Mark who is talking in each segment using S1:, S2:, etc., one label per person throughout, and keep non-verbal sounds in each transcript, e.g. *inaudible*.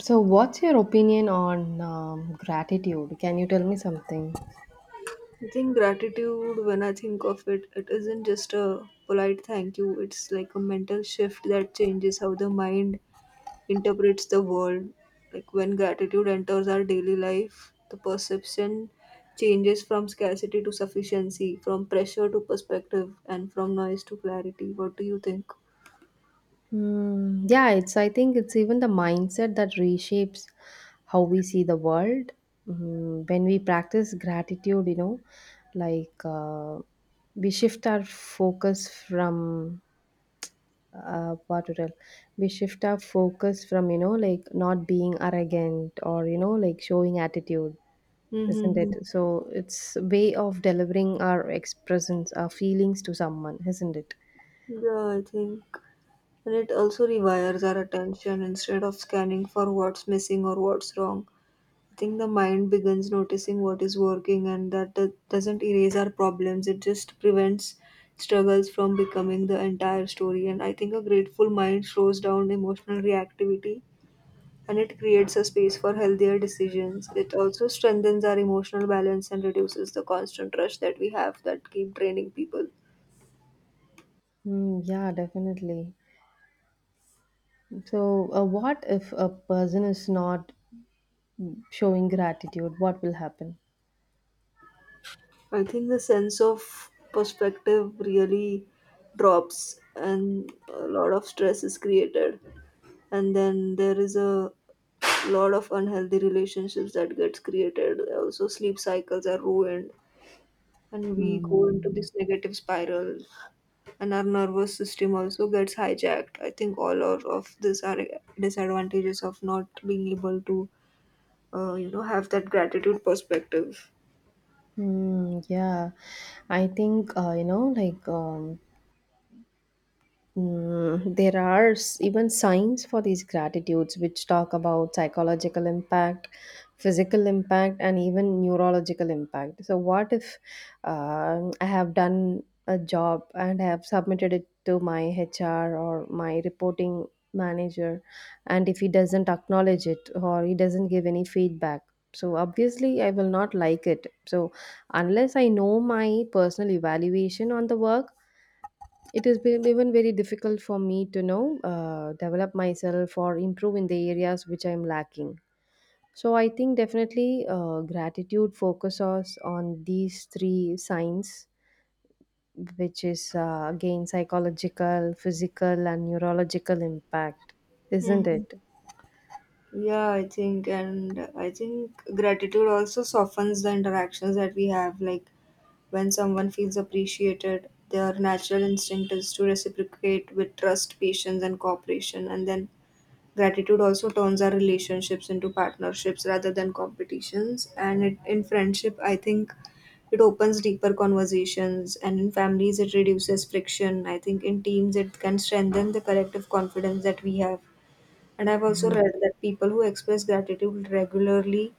S1: So, what's your opinion on gratitude? Can you tell me something?
S2: I think gratitude, when I think of it, it isn't just a polite thank you, it's like a mental shift that changes how the mind interprets the world. Like when gratitude enters our daily life, the perception changes from scarcity to sufficiency, from pressure to perspective, and from noise to clarity. What do you think?
S1: Hmm. yeah, it's. I think it's even the mindset that reshapes how we see the world. Mm, when we practice gratitude, like uh, we shift our focus from what to tell. We shift our focus from like not being arrogant or like showing attitude, isn't it?
S2: Mm-hmm.
S1: So it's a way of delivering our expressions, our feelings to someone, isn't it?
S2: Yeah, I think. And it also rewires our attention instead of scanning for what's missing or what's wrong, I think the mind begins noticing what is working, and that doesn't erase our problems. It just prevents struggles from becoming the entire story. And I think a grateful mind slows down emotional reactivity, and it creates a space for healthier decisions. It also strengthens our emotional balance and reduces the constant rush that we have that keep draining people.
S1: Mm, yeah, definitely. So, what if a person is not showing gratitude? What will happen?
S2: I think the sense of perspective really drops, and a lot of stress is created, and then there is a lot of unhealthy relationships that gets created. Also sleep cycles are ruined and we go into
S1: Hmm.
S2: this negative spiral, and our nervous system also gets hijacked. I think all of these are disadvantages of not being able to have that gratitude perspective.
S1: Mm, yeah, I think there are even signs for these gratitudes which talk about psychological impact, physical impact, and even neurological impact. So, what if I have done a job and have submitted it to my HR or my reporting manager, and if he doesn't acknowledge it or he doesn't give any feedback? So, obviously, I will not like it. So, unless I know my personal evaluation on the work, it has been even very difficult for me to know, develop myself or improve in the areas which I'm lacking. So I think definitely gratitude focuses on these three signs, which is again psychological, physical, and neurological impact, isn't
S2: Hmm.
S1: it?
S2: Yeah, I think, and I think gratitude also softens the interactions that we have. Like when someone feels appreciated, their natural instinct is to reciprocate with trust, patience, and cooperation. And then gratitude also turns our relationships into partnerships rather than competitions. And it, in friendship, I think it opens deeper conversations, and in families, it reduces friction. I think in teams, it can strengthen the collective confidence that we have. And I've also read that people who express gratitude regularly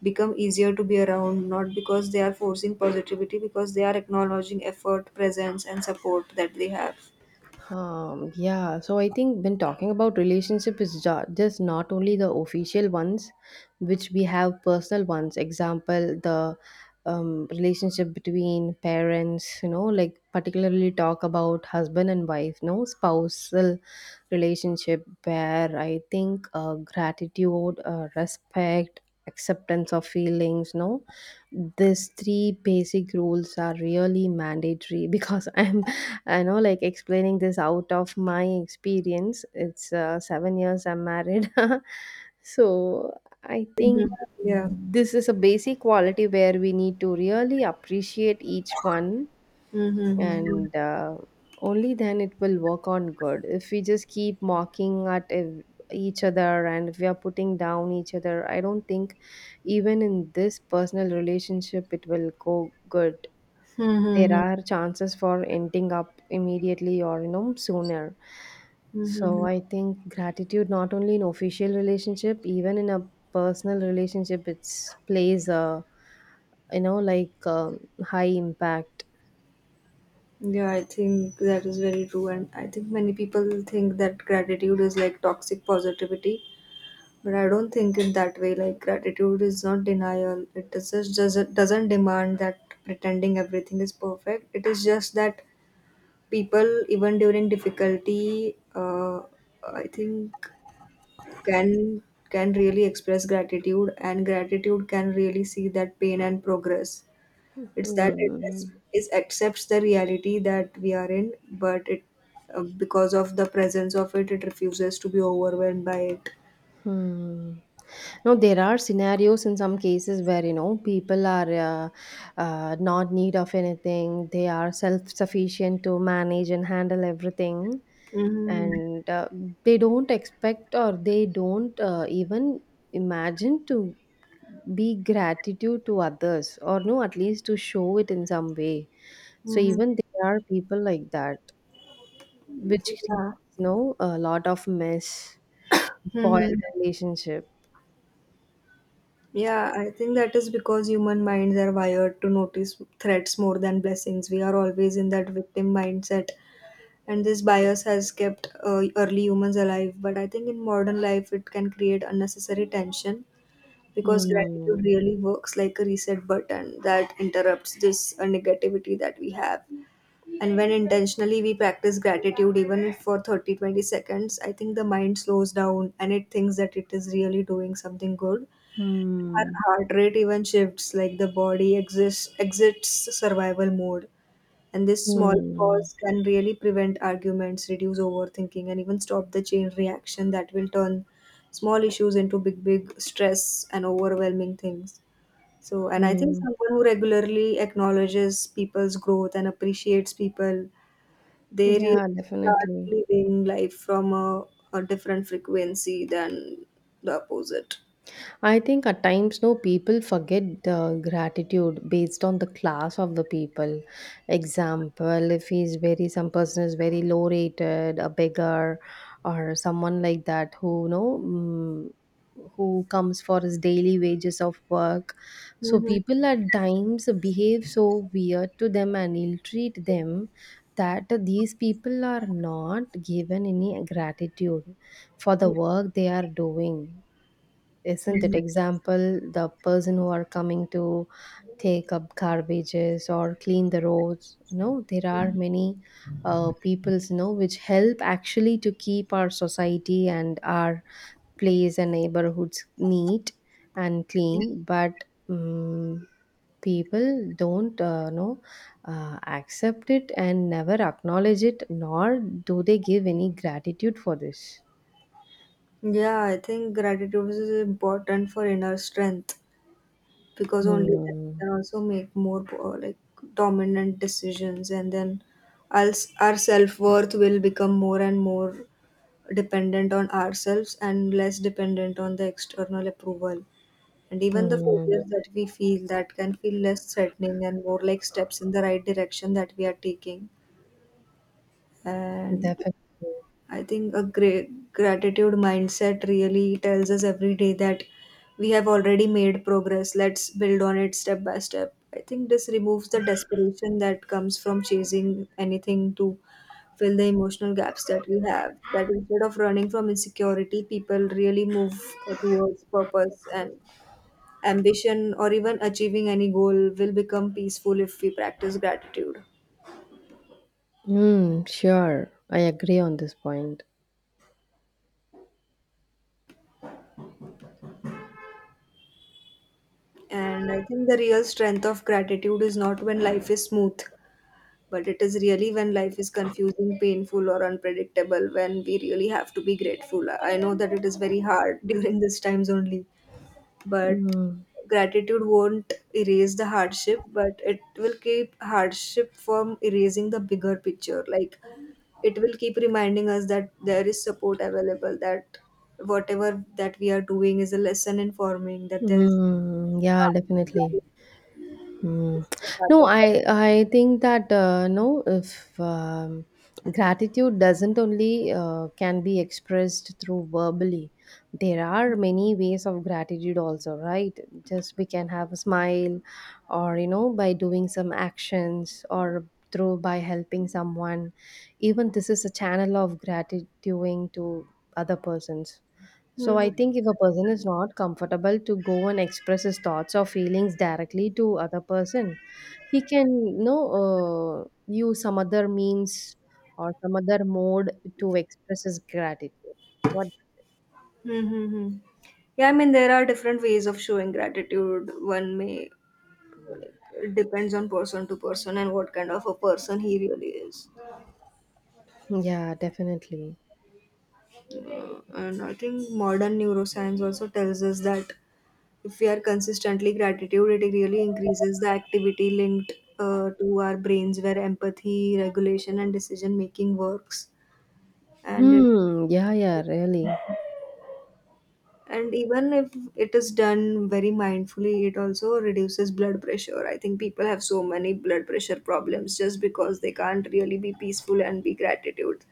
S2: become easier to be around, not because they are forcing positivity, because they are acknowledging effort, presence, and support that they have.
S1: Yeah, so I think when talking about relationship is just not only the official ones, which we have personal ones. Example, the relationship between parents, you know, like particularly talk about husband and wife, no, spousal relationship where I think gratitude, respect, acceptance of feelings, no, these three basic rules are really mandatory because *laughs* I know, like explaining this out of my experience. It's 7 years I'm married. *laughs* So I think
S2: Yeah.
S1: this is a basic quality where we need to really appreciate each one,
S2: Mm-hmm.
S1: and only then it will work on good. If we just keep mocking at each other and if we are putting down each other, I don't think even in this personal relationship it will go good. There
S2: Mm-hmm.
S1: are chances for ending up immediately or you know sooner. So
S2: Mm-hmm.
S1: I think gratitude not only in official relationship, even in a personal relationship, it's plays a you know like um high impact.
S2: Yeah, I think that is very true. And I think many people think that gratitude is like toxic positivity, but I don't think it that way. Like, gratitude is not denial, it is just, doesn't demand that pretending everything is perfect. It is just that people, even during difficulty, I think can can really express gratitude, and gratitude can really see that pain and progress. It's that it
S1: Hmm.
S2: is, accepts the reality that we are in, but it, because of the presence of it, it refuses to be overwhelmed by it.
S1: Hmm. No, there are scenarios in some cases where you know people are not need of anything. They are self sufficient to manage and handle everything,
S2: Mm-hmm.
S1: and they don't expect or they don't even imagine to be gratitude to others, or no, at least to show it in some way. So
S2: Mm-hmm.
S1: even there are people like that, which creates
S2: Yeah.
S1: you know a lot of mess, spoiled
S2: Mm-hmm.
S1: relationship.
S2: Yeah, I think that is because human minds are wired to notice threats more than blessings. We are always in that victim mindset, and this bias has kept early humans alive. But I think in modern life, it can create unnecessary tension because gratitude
S1: Hmm.
S2: really works like a reset button that interrupts this negativity that we have. And when intentionally we practice gratitude, even if for 30, 20 seconds, I think the mind slows down and it thinks that it is really doing something good. Her
S1: Hmm.
S2: heart rate even shifts, like the body exists, exits survival mode. And this small
S1: Hmm.
S2: pause can really prevent arguments, reduce overthinking, and even stop the chain reaction that will turn small issues into big, big stress and overwhelming things. So, and I think
S1: Hmm.
S2: someone who regularly acknowledges people's growth and appreciates people, they really
S1: Yeah,
S2: start
S1: definitely.
S2: living life from a different frequency than the opposite.
S1: I think at times, no, people forget the gratitude based on the class of the people. Example, if he's very, some person is very low rated, a beggar, or someone like that who, you know, mm, who comes for his daily wages of work. So
S2: Mhm.
S1: people at times behave so weird to them and ill treat them, that these people are not given any gratitude for the work they are doing, isn't it?
S2: Mhm.
S1: Example, the person who are coming to take up garbages or clean the roads. No, there are many peoples, you know, which help actually to keep our society and our place and neighborhoods neat and clean. But um, people don't know accept it and never acknowledge it, nor do they give any gratitude for this.
S2: Yeah, I think gratitude is important for inner strength, because only then we
S1: Hmm.
S2: can also make more, like, dominant decisions, and then our, our self worth will become more and more dependent on ourselves and less dependent on the external approval. And even the
S1: Hmm.
S2: failures that we feel, that can feel less threatening and more like steps in the right direction that we are taking. And
S1: Definitely.
S2: I think a great gratitude mindset really tells us every day that we have already made progress. Let's build on it step by step. I think this removes the desperation that comes from chasing anything to fill the emotional gaps that we have. That instead of running from insecurity, people really move towards purpose and ambition, or even achieving any goal will become peaceful if we practice gratitude.
S1: Mm, sure. I agree on this point.
S2: And I think the real strength of gratitude is not when life is smooth, but it is really when life is confusing, painful, or unpredictable, when we really have to be grateful. I know that it is very hard *laughs* during these times only, but
S1: Mm,
S2: gratitude won't erase the hardship, but it will keep hardship from erasing the bigger picture. Like it will keep reminding us that there is support available, that whatever that we are doing is a lesson informing, that there is.
S1: mm, yeah, definitely. Mm. No, I think that no, if gratitude doesn't only can be expressed through verbally, there are many ways of gratitude also, right? Just we can have a smile, or you know, by doing some actions, or through by helping someone. Even this is a channel of gratitude to other persons. So
S2: Mhm.
S1: I think if a person is not comfortable to go and express his thoughts or feelings directly to other person, he can you know use some other means or some other mode to express his gratitude. What?
S2: Mm-hmm. Yeah, I mean, there are different ways of showing gratitude. One may, like, it depends on person to person and what kind of a person he really is.
S1: Yeah, definitely.
S2: And I think modern neuroscience also tells us that if we are consistently gratitude, it really increases the activity linked, to our brains where empathy, regulation, and decision making works, and it.
S1: Hmm. Yeah. Yeah. Really.
S2: And even if it is done very mindfully, it also reduces blood pressure. I think people have so many blood pressure problems just because they can't really be peaceful and be gratitude.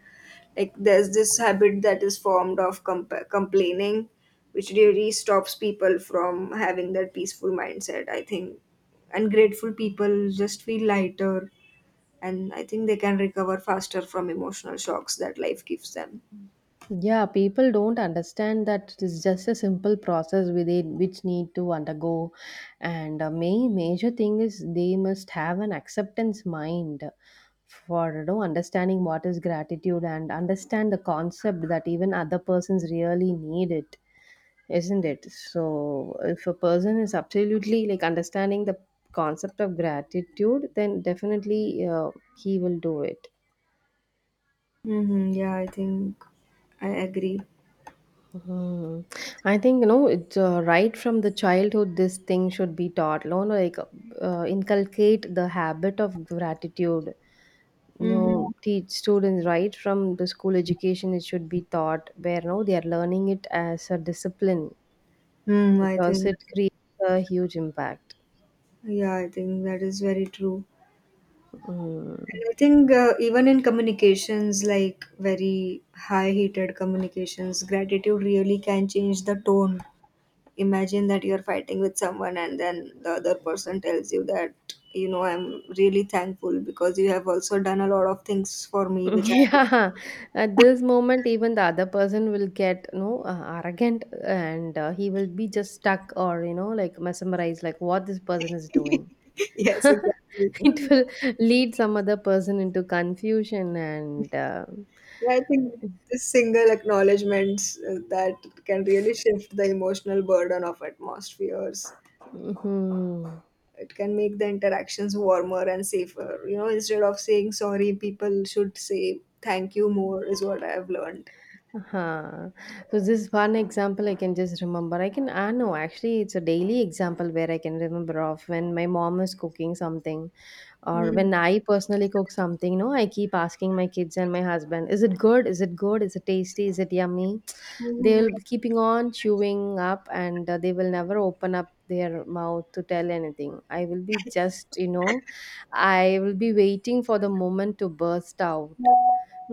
S2: Like there's this habit that is formed of complaining, which really stops people from having that peaceful mindset, I think. And grateful people just feel lighter, and I think they can recover faster from emotional shocks that life gives them.
S1: Yeah, people don't understand that it's just a simple process with it which need to undergo. And a main major thing is they must have an acceptance mind for you know, understanding what is gratitude and understand the concept that even other persons really need it, isn't it? So if a person is absolutely like understanding the concept of gratitude, then definitely he will do it.
S2: Mm-hmm, yeah, I think I agree.
S1: Hmm. I think you know it's right from the childhood. This thing should be taught. You know, like inculcate the habit of gratitude. You
S2: Mm-hmm.
S1: know, teach students right from the school education. It should be taught where you know they are learning it as a discipline,
S2: Hmm, I
S1: because
S2: think,
S1: it creates a huge impact.
S2: yeah, I think that is very true.
S1: Hmm.
S2: And
S1: *laughs*
S2: I think, even in communications, like very high heated communications, gratitude really can change the tone. Imagine that you're fighting with someone, and then the other person tells you that, you know, I'm really thankful because you have also done a lot of things for me, which I,
S1: Yeah, at this moment, even the other person will get you know arrogant, and he will be just stuck or you know like mesmerized, like what this person is doing.
S2: *laughs* yes, exactly.
S1: *laughs* It will lead some other person into confusion and
S2: Yeah, I think this single acknowledgements, that can really shift the emotional burden of atmospheres.
S1: mhm.
S2: It can make the interactions warmer and safer. You know, instead of saying sorry, people should say thank you more, is what I've learned.
S1: Uh-huh. So this one example I can just remember. I know actually it's a daily example where I can remember of when my mom is cooking something. Or
S2: Mm.
S1: when I personally cook something, no, I keep asking my kids and my husband, is it good? Is it good? Is it tasty? Is it yummy?
S2: Mhm.
S1: They'll be keeping on chewing up and they will never open up their mouth to tell anything. I will be just, you know, I will be waiting for the moment to burst out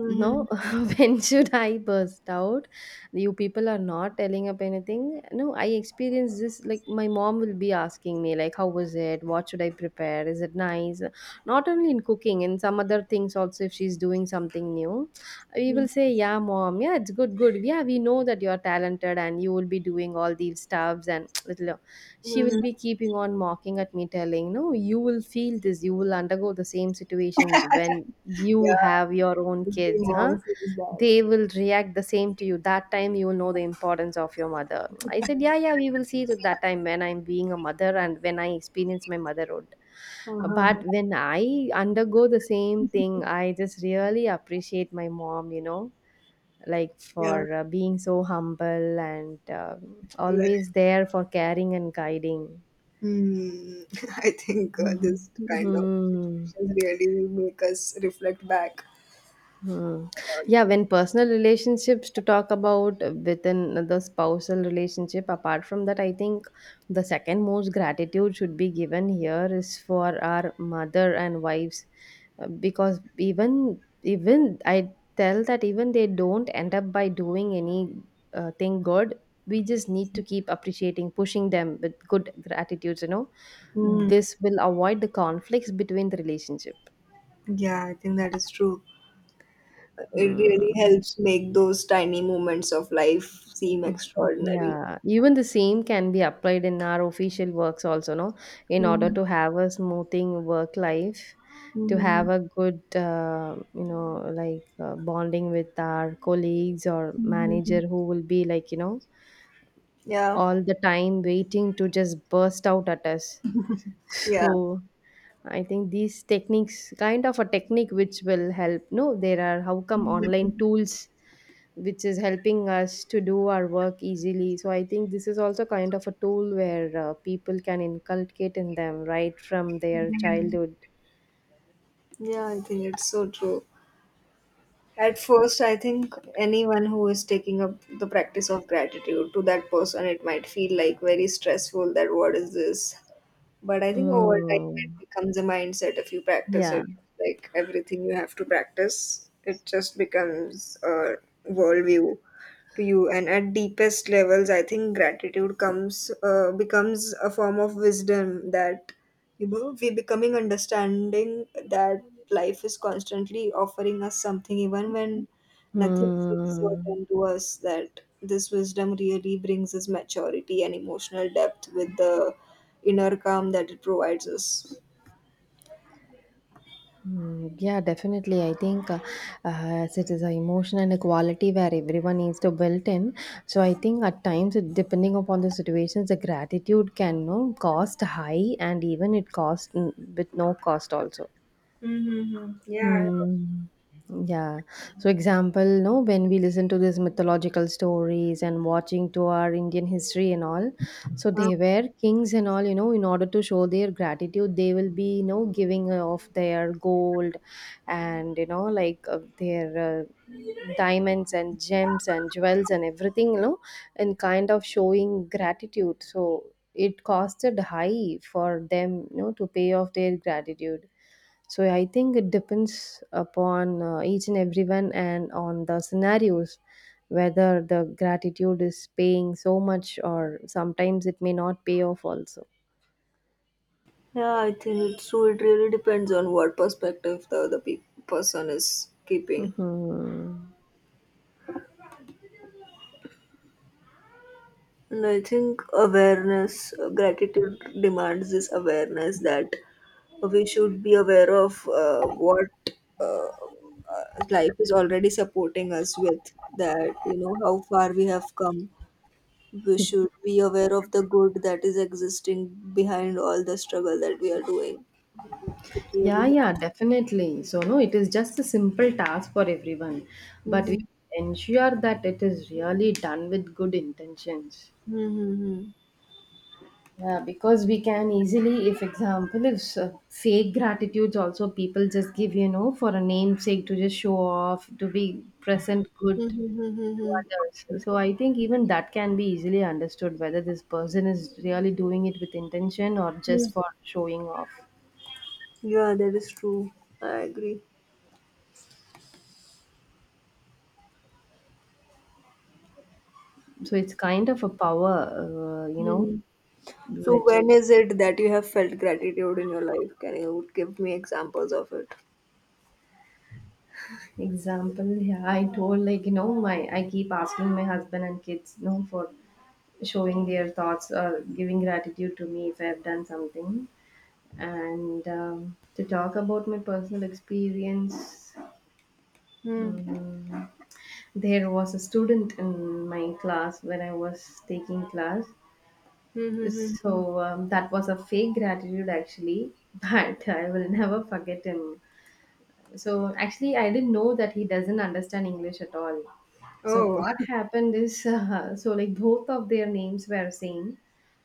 S1: no, *laughs* when should I burst out? You people are not telling up anything. No, I experienced this. Like, my mom will be asking me, like, how was it? What should I prepare? Is it nice? Not only in cooking, in some other things also, if she's doing something new, we will
S2: Mhm.
S1: say, yeah, mom, yeah, it's good, good. Yeah, we know that you're talented and you will be doing all these stuffs and *tsk* little she will be
S2: Mhm.
S1: keeping on mocking at me telling, no, you will feel this, you will undergo the same situations when you
S2: Yeah,
S1: have your own
S2: every
S1: kids, huh?
S2: mom says that.
S1: They
S2: *laughs*
S1: will react the same to you, that time you will know the importance of your mother. I said, yeah, yeah, we will see it that time when I'm being a mother and when I experience my motherhood.
S2: Uh-huh.
S1: But when I undergo the same thing, I just really appreciate my mom, you know, like
S2: Yeah,
S1: for being so humble and
S2: exactly.
S1: always there for caring and guiding.
S2: Hmm. *laughs* I think,
S1: Mhm.
S2: this kind of
S1: Mhm.
S2: situations really make us reflect back.
S1: Mhm. Yeah, when personal relationships to talk about within the spousal relationship, apart from that, I think the second most gratitude should be given here is for our mother and wives, because even I tell that even they don't end up by doing any thing good, we just need to keep appreciating, pushing them with good gratitudes, you know.
S2: Hmm.
S1: This will avoid the conflicts between the relationship.
S2: Yeah, I think that is true. It
S1: Hmm.
S2: really helps make those tiny moments of life seem
S1: Mhm.
S2: extraordinary.
S1: Yeah, even the same can be applied in our official works also, no? In order
S2: Mhm.
S1: to have a smoothing work life, to
S2: Mhm.
S1: have a good, bonding with our colleagues or manager
S2: Mhm.
S1: who will be like, you know,
S2: Yeah,
S1: all the time waiting to just burst out at us.
S2: yeah.
S1: So I think these techniques, kind of a technique which will help. No, there are how come online
S2: Mhm.
S1: tools which is helping us to do our work easily. So I think this is also kind of a tool where people can inculcate in them right from their childhood.
S2: Yeah, I think it's so true. At first, I think anyone who is taking up the practice of gratitude, to that person, it might feel like very stressful, that what is this? But I think over time, it
S1: Mm.
S2: becomes a mindset if you practice
S1: Yeah.
S2: it. Like everything, you have to practice, it just becomes a worldview to you, and at deepest levels I think gratitude comes, becomes a form of wisdom, that, you know, we becoming understanding that life is constantly offering us something even when nothing seems
S1: Hmm.
S2: certain to us. That this wisdom really brings us maturity and emotional depth with the inner calm that it provides us.
S1: Hmm. Yeah, definitely. I think as it is an emotion and a quality where everyone needs to build in. So I think at times, depending upon the situations, the gratitude can no cost high and even it cost with no cost also.
S2: Mm-hmm. Yeah.
S1: Hmm. Yeah. So, example, no, when we listen to these mythological stories and watching to our Indian history and all, so
S2: Uh,
S1: they were kings and all, you know, in order to show their gratitude, they will be, you know, giving off their gold and, you know, like their diamonds and gems and jewels and everything, you know, and kind of showing gratitude. So, it costed high for them, you know, to pay off their gratitude. So I think it depends upon each and everyone and on the scenarios whether the gratitude is paying so much or sometimes it may not pay off also.
S2: yeah, I think it's true. It really depends on what perspective the person is keeping.
S1: Hmm.
S2: And I think awareness, gratitude demands this awareness, that we should be aware of, what, uh, life is already supporting us with, that, you know, how far we have come. We should be aware of the good that is existing behind all the struggle that we are doing. It really
S1: Yeah,
S2: helps.
S1: yeah, definitely. So, no, it is just a simple task for everyone, but
S2: Hmm.
S1: we ensure that it is really done with good intentions.
S2: Hmm. Hmm.
S1: Yeah, because we can easily, if example, if fake gratitudes also people just give, for a namesake to just show off, to be present
S2: Hmm.
S1: good to
S2: Hmm.
S1: others. So I think even that can be easily understood whether this person is really doing it with intention or
S2: Hmm.
S1: just for showing off.
S2: Yeah, that is true. I agree.
S1: So it's kind of a power,
S2: Mm-hmm. So
S1: which
S2: when is it that you have felt gratitude in your life? Can you give me examples of it?
S1: example, yeah, I told like, my I keep asking my husband and kids, for showing their thoughts or giving gratitude to me if I have done something. And to talk about my personal experience,
S2: Hmm.
S1: um, there was a student in my class when I was taking class.
S2: Hmm, hmm, hmm, hmm.
S1: So that was a fake gratitude actually, *laughs* but I will never forget him. So actually I didn't know that he doesn't understand English at all. So
S2: Oh.
S1: what happened is *laughs* so like both of their names were same.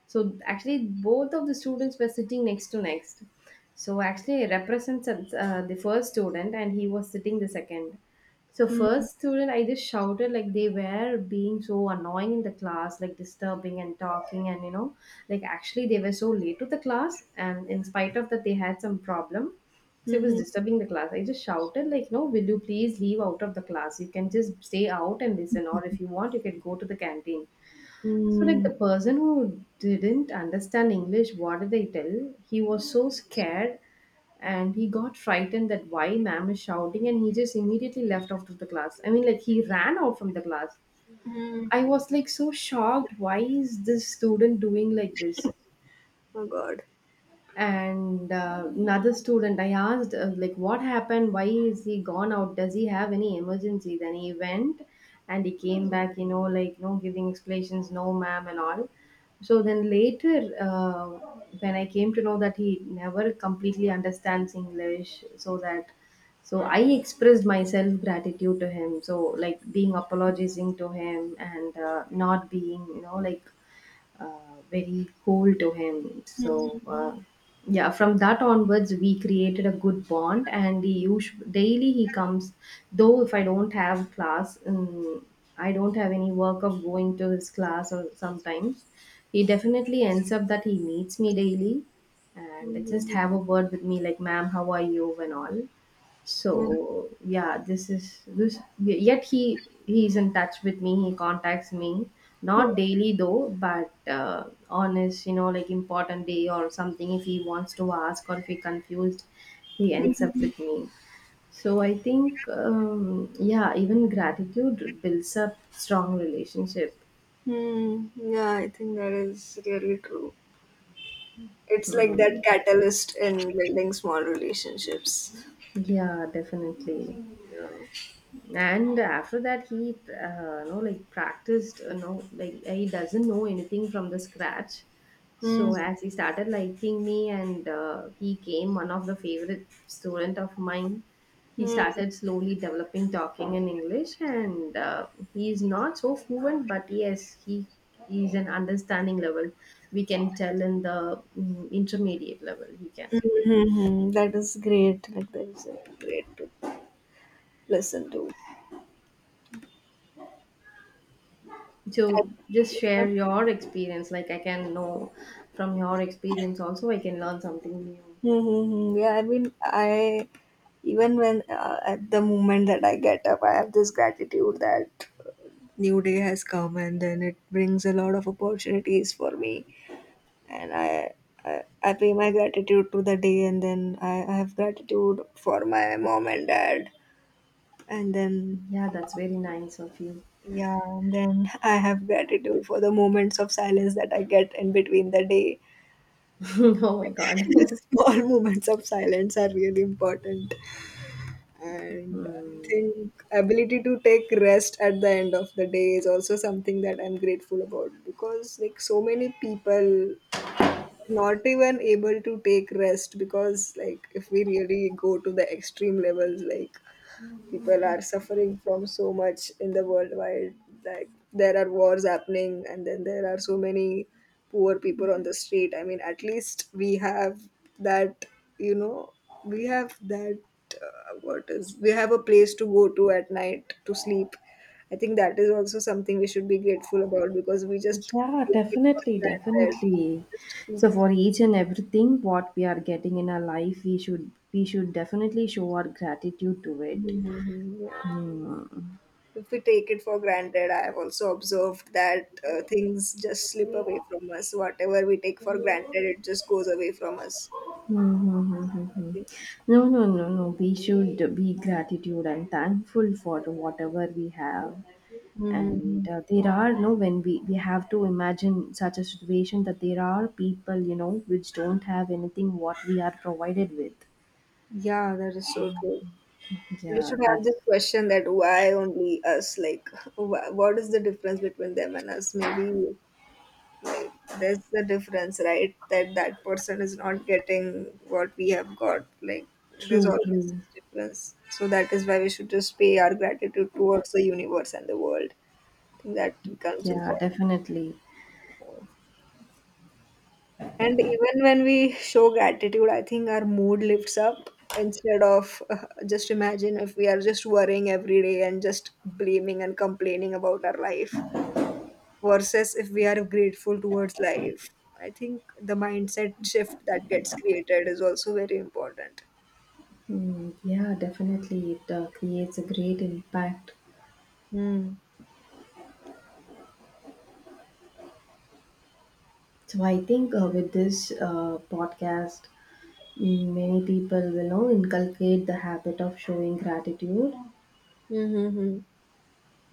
S1: So actually both of the students were sitting next to next. So actually I represents the first student and he was sitting the second. So
S2: Hmm,
S1: first student, I just shouted, like, they were being so annoying in the class, like disturbing and talking, and like actually they were so late to the class, and in spite of that, they had some problem. So it
S2: hmm,
S1: was
S2: hmm,
S1: disturbing the class. I just shouted, like, no, will you please leave out of the class? You can just stay out and listen, or if you want, you can go to the canteen. So, like,
S2: hmm.
S1: the person who didn't understand English, what did I tell? He was so scared and he got frightened that why ma'am is shouting, and he just immediately left out of the class. I mean, like, he ran out from the class.
S2: Hmm.
S1: I was like so shocked. Why is this student doing like this?
S2: Oh God.
S1: And another student I asked, like what happened, why is he gone out, does he have any emergency? Then he went and he came back, you know, giving explanations, no ma'am and all. So then later, when I came to know that he never completely understands English, so that, so I expressed myself gratitude to him, so like being apologizing to him and not being, very cool to him.
S2: Hmm,
S1: So
S2: hmm,
S1: yeah, from that onwards, we created a good bond, and he usually daily he comes. Though if I don't have class, I don't have any work of going to his class or sometimes. He definitely ends up that he meets me daily
S2: hmm,
S1: and just
S2: hmm,
S1: have a word with me like, ma'am, how are you and all.
S2: hmm.
S1: So yeah, this is this, yet he is in touch with me, he contacts me, not daily though, but on his, you know, like important day or something, if he wants to ask or if he confused, he ends up
S2: Hmm.
S1: with me. So I think yeah, even gratitude builds up strong relationship.
S2: Hmm. Yeah, I think that is really true. It's like that
S1: Mm,
S2: catalyst in building small relationships.
S1: yeah, definitely.
S2: Yeah.
S1: And after that he, know like practiced, you know like he doesn't know anything from the scratch.
S2: Hmm.
S1: So as he started liking me and he came one of the favorite student of mine, he
S2: Hmm,
S1: started slowly developing talking in English and he is not so fluent, but yes he is an understanding level. We can tell in the intermediate level he can
S2: hmm,
S1: be.
S2: hmm, hmm. That is great. Like that is, great to listen to.
S1: So just share your experience, like I can know, from your experience also I can learn something new.
S2: Mm-hmm. Yeah, I mean, I even when, at the moment that I get up, I have this gratitude that new day has come, and then it brings a lot of opportunities for me, and I pay my gratitude to the day, and then I have gratitude for my mom and dad, and then
S1: Yeah, that's very nice of you.
S2: yeah, and then I have gratitude for the moments of silence that I get in between the day.
S1: *laughs* Oh my god.
S2: *laughs*
S1: *laughs*
S2: Small moments of silence are really important. And I
S1: Hmm.
S2: think ability to take rest at the end of the day is also something that I'm grateful about, because like so many people not even able to take rest. Because like if we really go to the extreme levels, like people are suffering from so much in the worldwide. Like there are wars happening and then there are so many poor people on the street. I mean, at least we have that you know that. What is, we have a place to go to at night to sleep. I think that is also something we should be grateful about, because we just
S1: Yeah,
S2: take it for
S1: definitely,
S2: granted. We
S1: definitely.
S2: just
S1: So
S2: keep-
S1: for each and everything what we are getting in our life we should, we should definitely show our gratitude to it.
S2: Mhm, mhm, yeah.
S1: Hmm.
S2: If we take it for granted, I have also observed that things just slip away from us. Whatever we take for granted, it just goes away from us.
S1: Hmm, hmm, hmm,
S2: I
S1: hmm.
S2: think.
S1: No, no, no, no, we should be gratitude and thankful for whatever we have.
S2: Mm-hmm.
S1: And there are no, when we have to imagine such a situation that there are people, you know, which don't have anything what we are provided with.
S2: Yeah, that is so true. We
S1: Yeah,
S2: should have
S1: that's
S2: this question that why only us? Like, what is the difference between them and us? Maybe like there's the difference, right? That that person is not getting what we have got. Like, there's
S1: true,
S2: always this
S1: true.
S2: difference. So that is why we should just pay our gratitude towards the universe and the world. I think that becomes
S1: Yeah,
S2: important.
S1: definitely.
S2: And even when we show gratitude, I think our mood lifts up, instead of just imagine if we are just worrying every day and just blaming and complaining about our life, versus if we are grateful towards life. I think the mindset shift that gets created is also very important.
S1: Mm, yeah, definitely. It creates a great impact.
S2: Hmm.
S1: So I think with this podcast, many people will, you know, inculcate the habit of showing gratitude.
S2: Mm-hmm.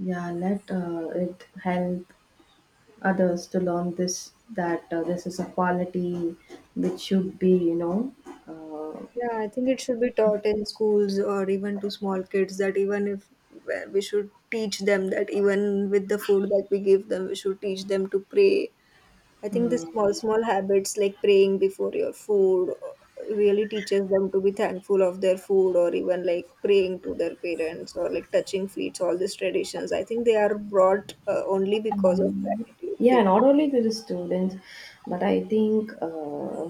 S1: Yeah, let it help others to learn this, that this is a quality which should be, you know, uh,
S2: Yeah, I think it should be taught in schools or even to small kids, that even if, well, we should teach them that even with the food that we give them, we should teach them to pray. I think the
S1: mm,
S2: small, small habits like praying before your food really teaches them to be thankful of their food, or even like praying to their parents or like touching feet, all these traditions. I think they are brought only because of gratitude.
S1: yeah,
S2: They...
S1: not only to the students but I think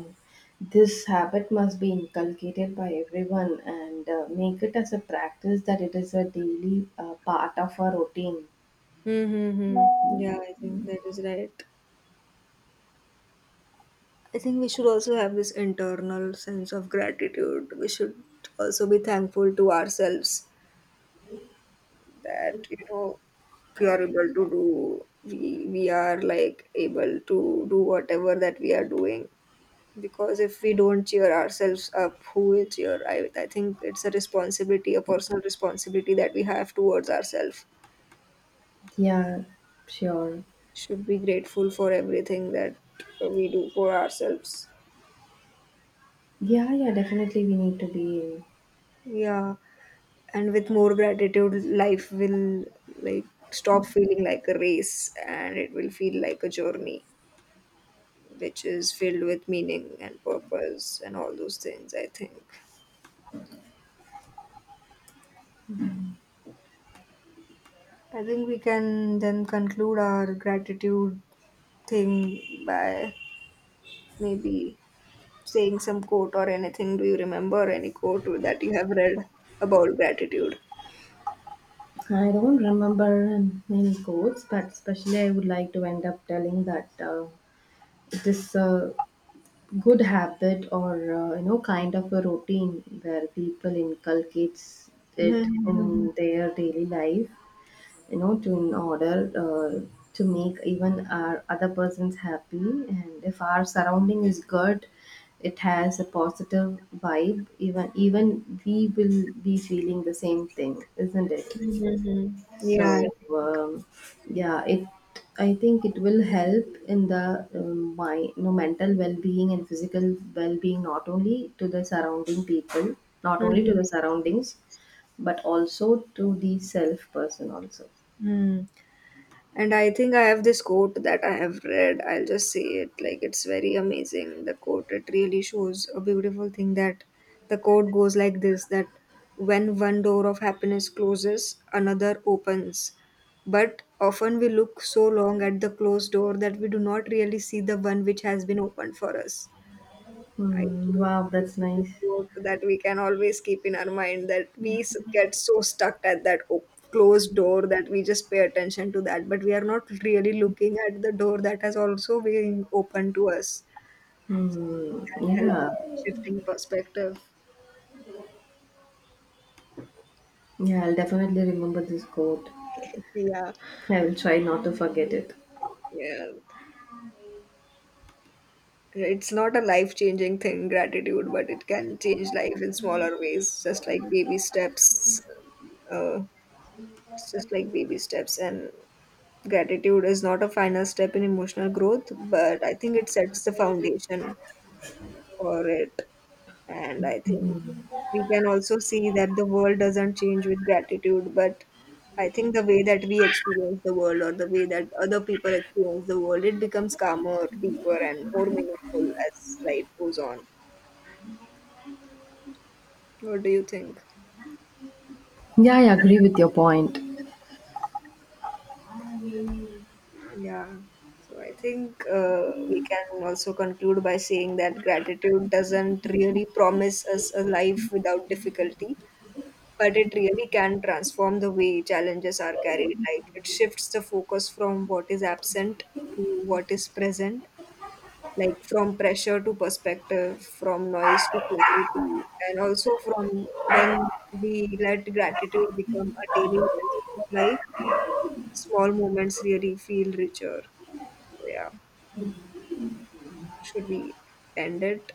S1: this habit must be inculcated by everyone and make it as a practice that it is a daily part of our routine.
S2: Mm-hmm. Yeah, I think that is right. I think we should also have this internal sense of gratitude. We should also be thankful to ourselves, that, you know, we are able to do, we are like able to do whatever that we are doing. Because if we don't cheer ourselves up, who will cheer? I think it's a responsibility, a personal responsibility, that we have towards ourselves.
S1: Yeah, sure.
S2: Should be grateful for everything that we do for ourselves.
S1: Yeah, yeah, definitely we need to be.
S2: Yeah. And with more gratitude life will like stop feeling like a race, and it will feel like a journey which is filled with meaning and purpose and all those things. I think we can then conclude our gratitude thing by maybe saying some quote or anything. Do you remember any quote that you have read about gratitude?
S1: I don't remember many quotes, but especially I would like to end up telling that this good habit or you know, kind of a routine where people inculcates
S2: Mhm,
S1: it
S2: mhm,
S1: in their daily life, you know, to in order uh, to make even our other persons happy, and if our surrounding is good, it has a positive vibe, even we will be feeling the same thing, isn't it?
S2: mhm, mhm.
S1: So
S2: Yeah.
S1: um, yeah, it, I think it will help in the my, you know, mental well-being and physical well-being, not only to the surrounding people, not only to
S2: Mhm,
S1: the surroundings, but also to the self person also.
S2: mhm. And I think I have this quote that I have read. I'll just say it, like it's very amazing. The quote, it really shows a beautiful thing. That the quote goes like this, that when one door of happiness closes, another opens. But often we look so long at the closed door that we do not really see the one which has been opened for us. I
S1: Hmm,
S2: think
S1: wow, that's
S2: this is a
S1: nice.
S2: quote that we can always keep in our mind, that we get so stuck at that closed door that we just pay attention to that, but we are not really looking at the door that has also been open to us.
S1: Hmm,
S2: That helps
S1: yeah,
S2: shifting perspective.
S1: yeah, I'll definitely remember this quote.
S2: *laughs* Yeah,
S1: I will try not to forget it.
S2: yeah. It's not a life changing thing, gratitude, but it can change life in smaller ways, just like baby steps. Uh, it's just like baby steps. And gratitude is not a final step in emotional growth, but I think it sets the foundation for it. And I think we can also see that the world doesn't change with gratitude, but I think the way that we experience the world, or the way that other people experience the world, it becomes calmer, deeper, and more meaningful as life goes on. What do you think?
S1: Yeah, I agree with your point.
S2: Yeah. So I think we can also conclude by saying that gratitude doesn't really promise us a life without difficulty, but it really can transform the way challenges are carried. Like it shifts the focus from what is absent to what is present, like from pressure to perspective, from noise to clarity, and also from, when we let gratitude become a daily lens of our life, small moments really feel richer. So yeah, should we end it?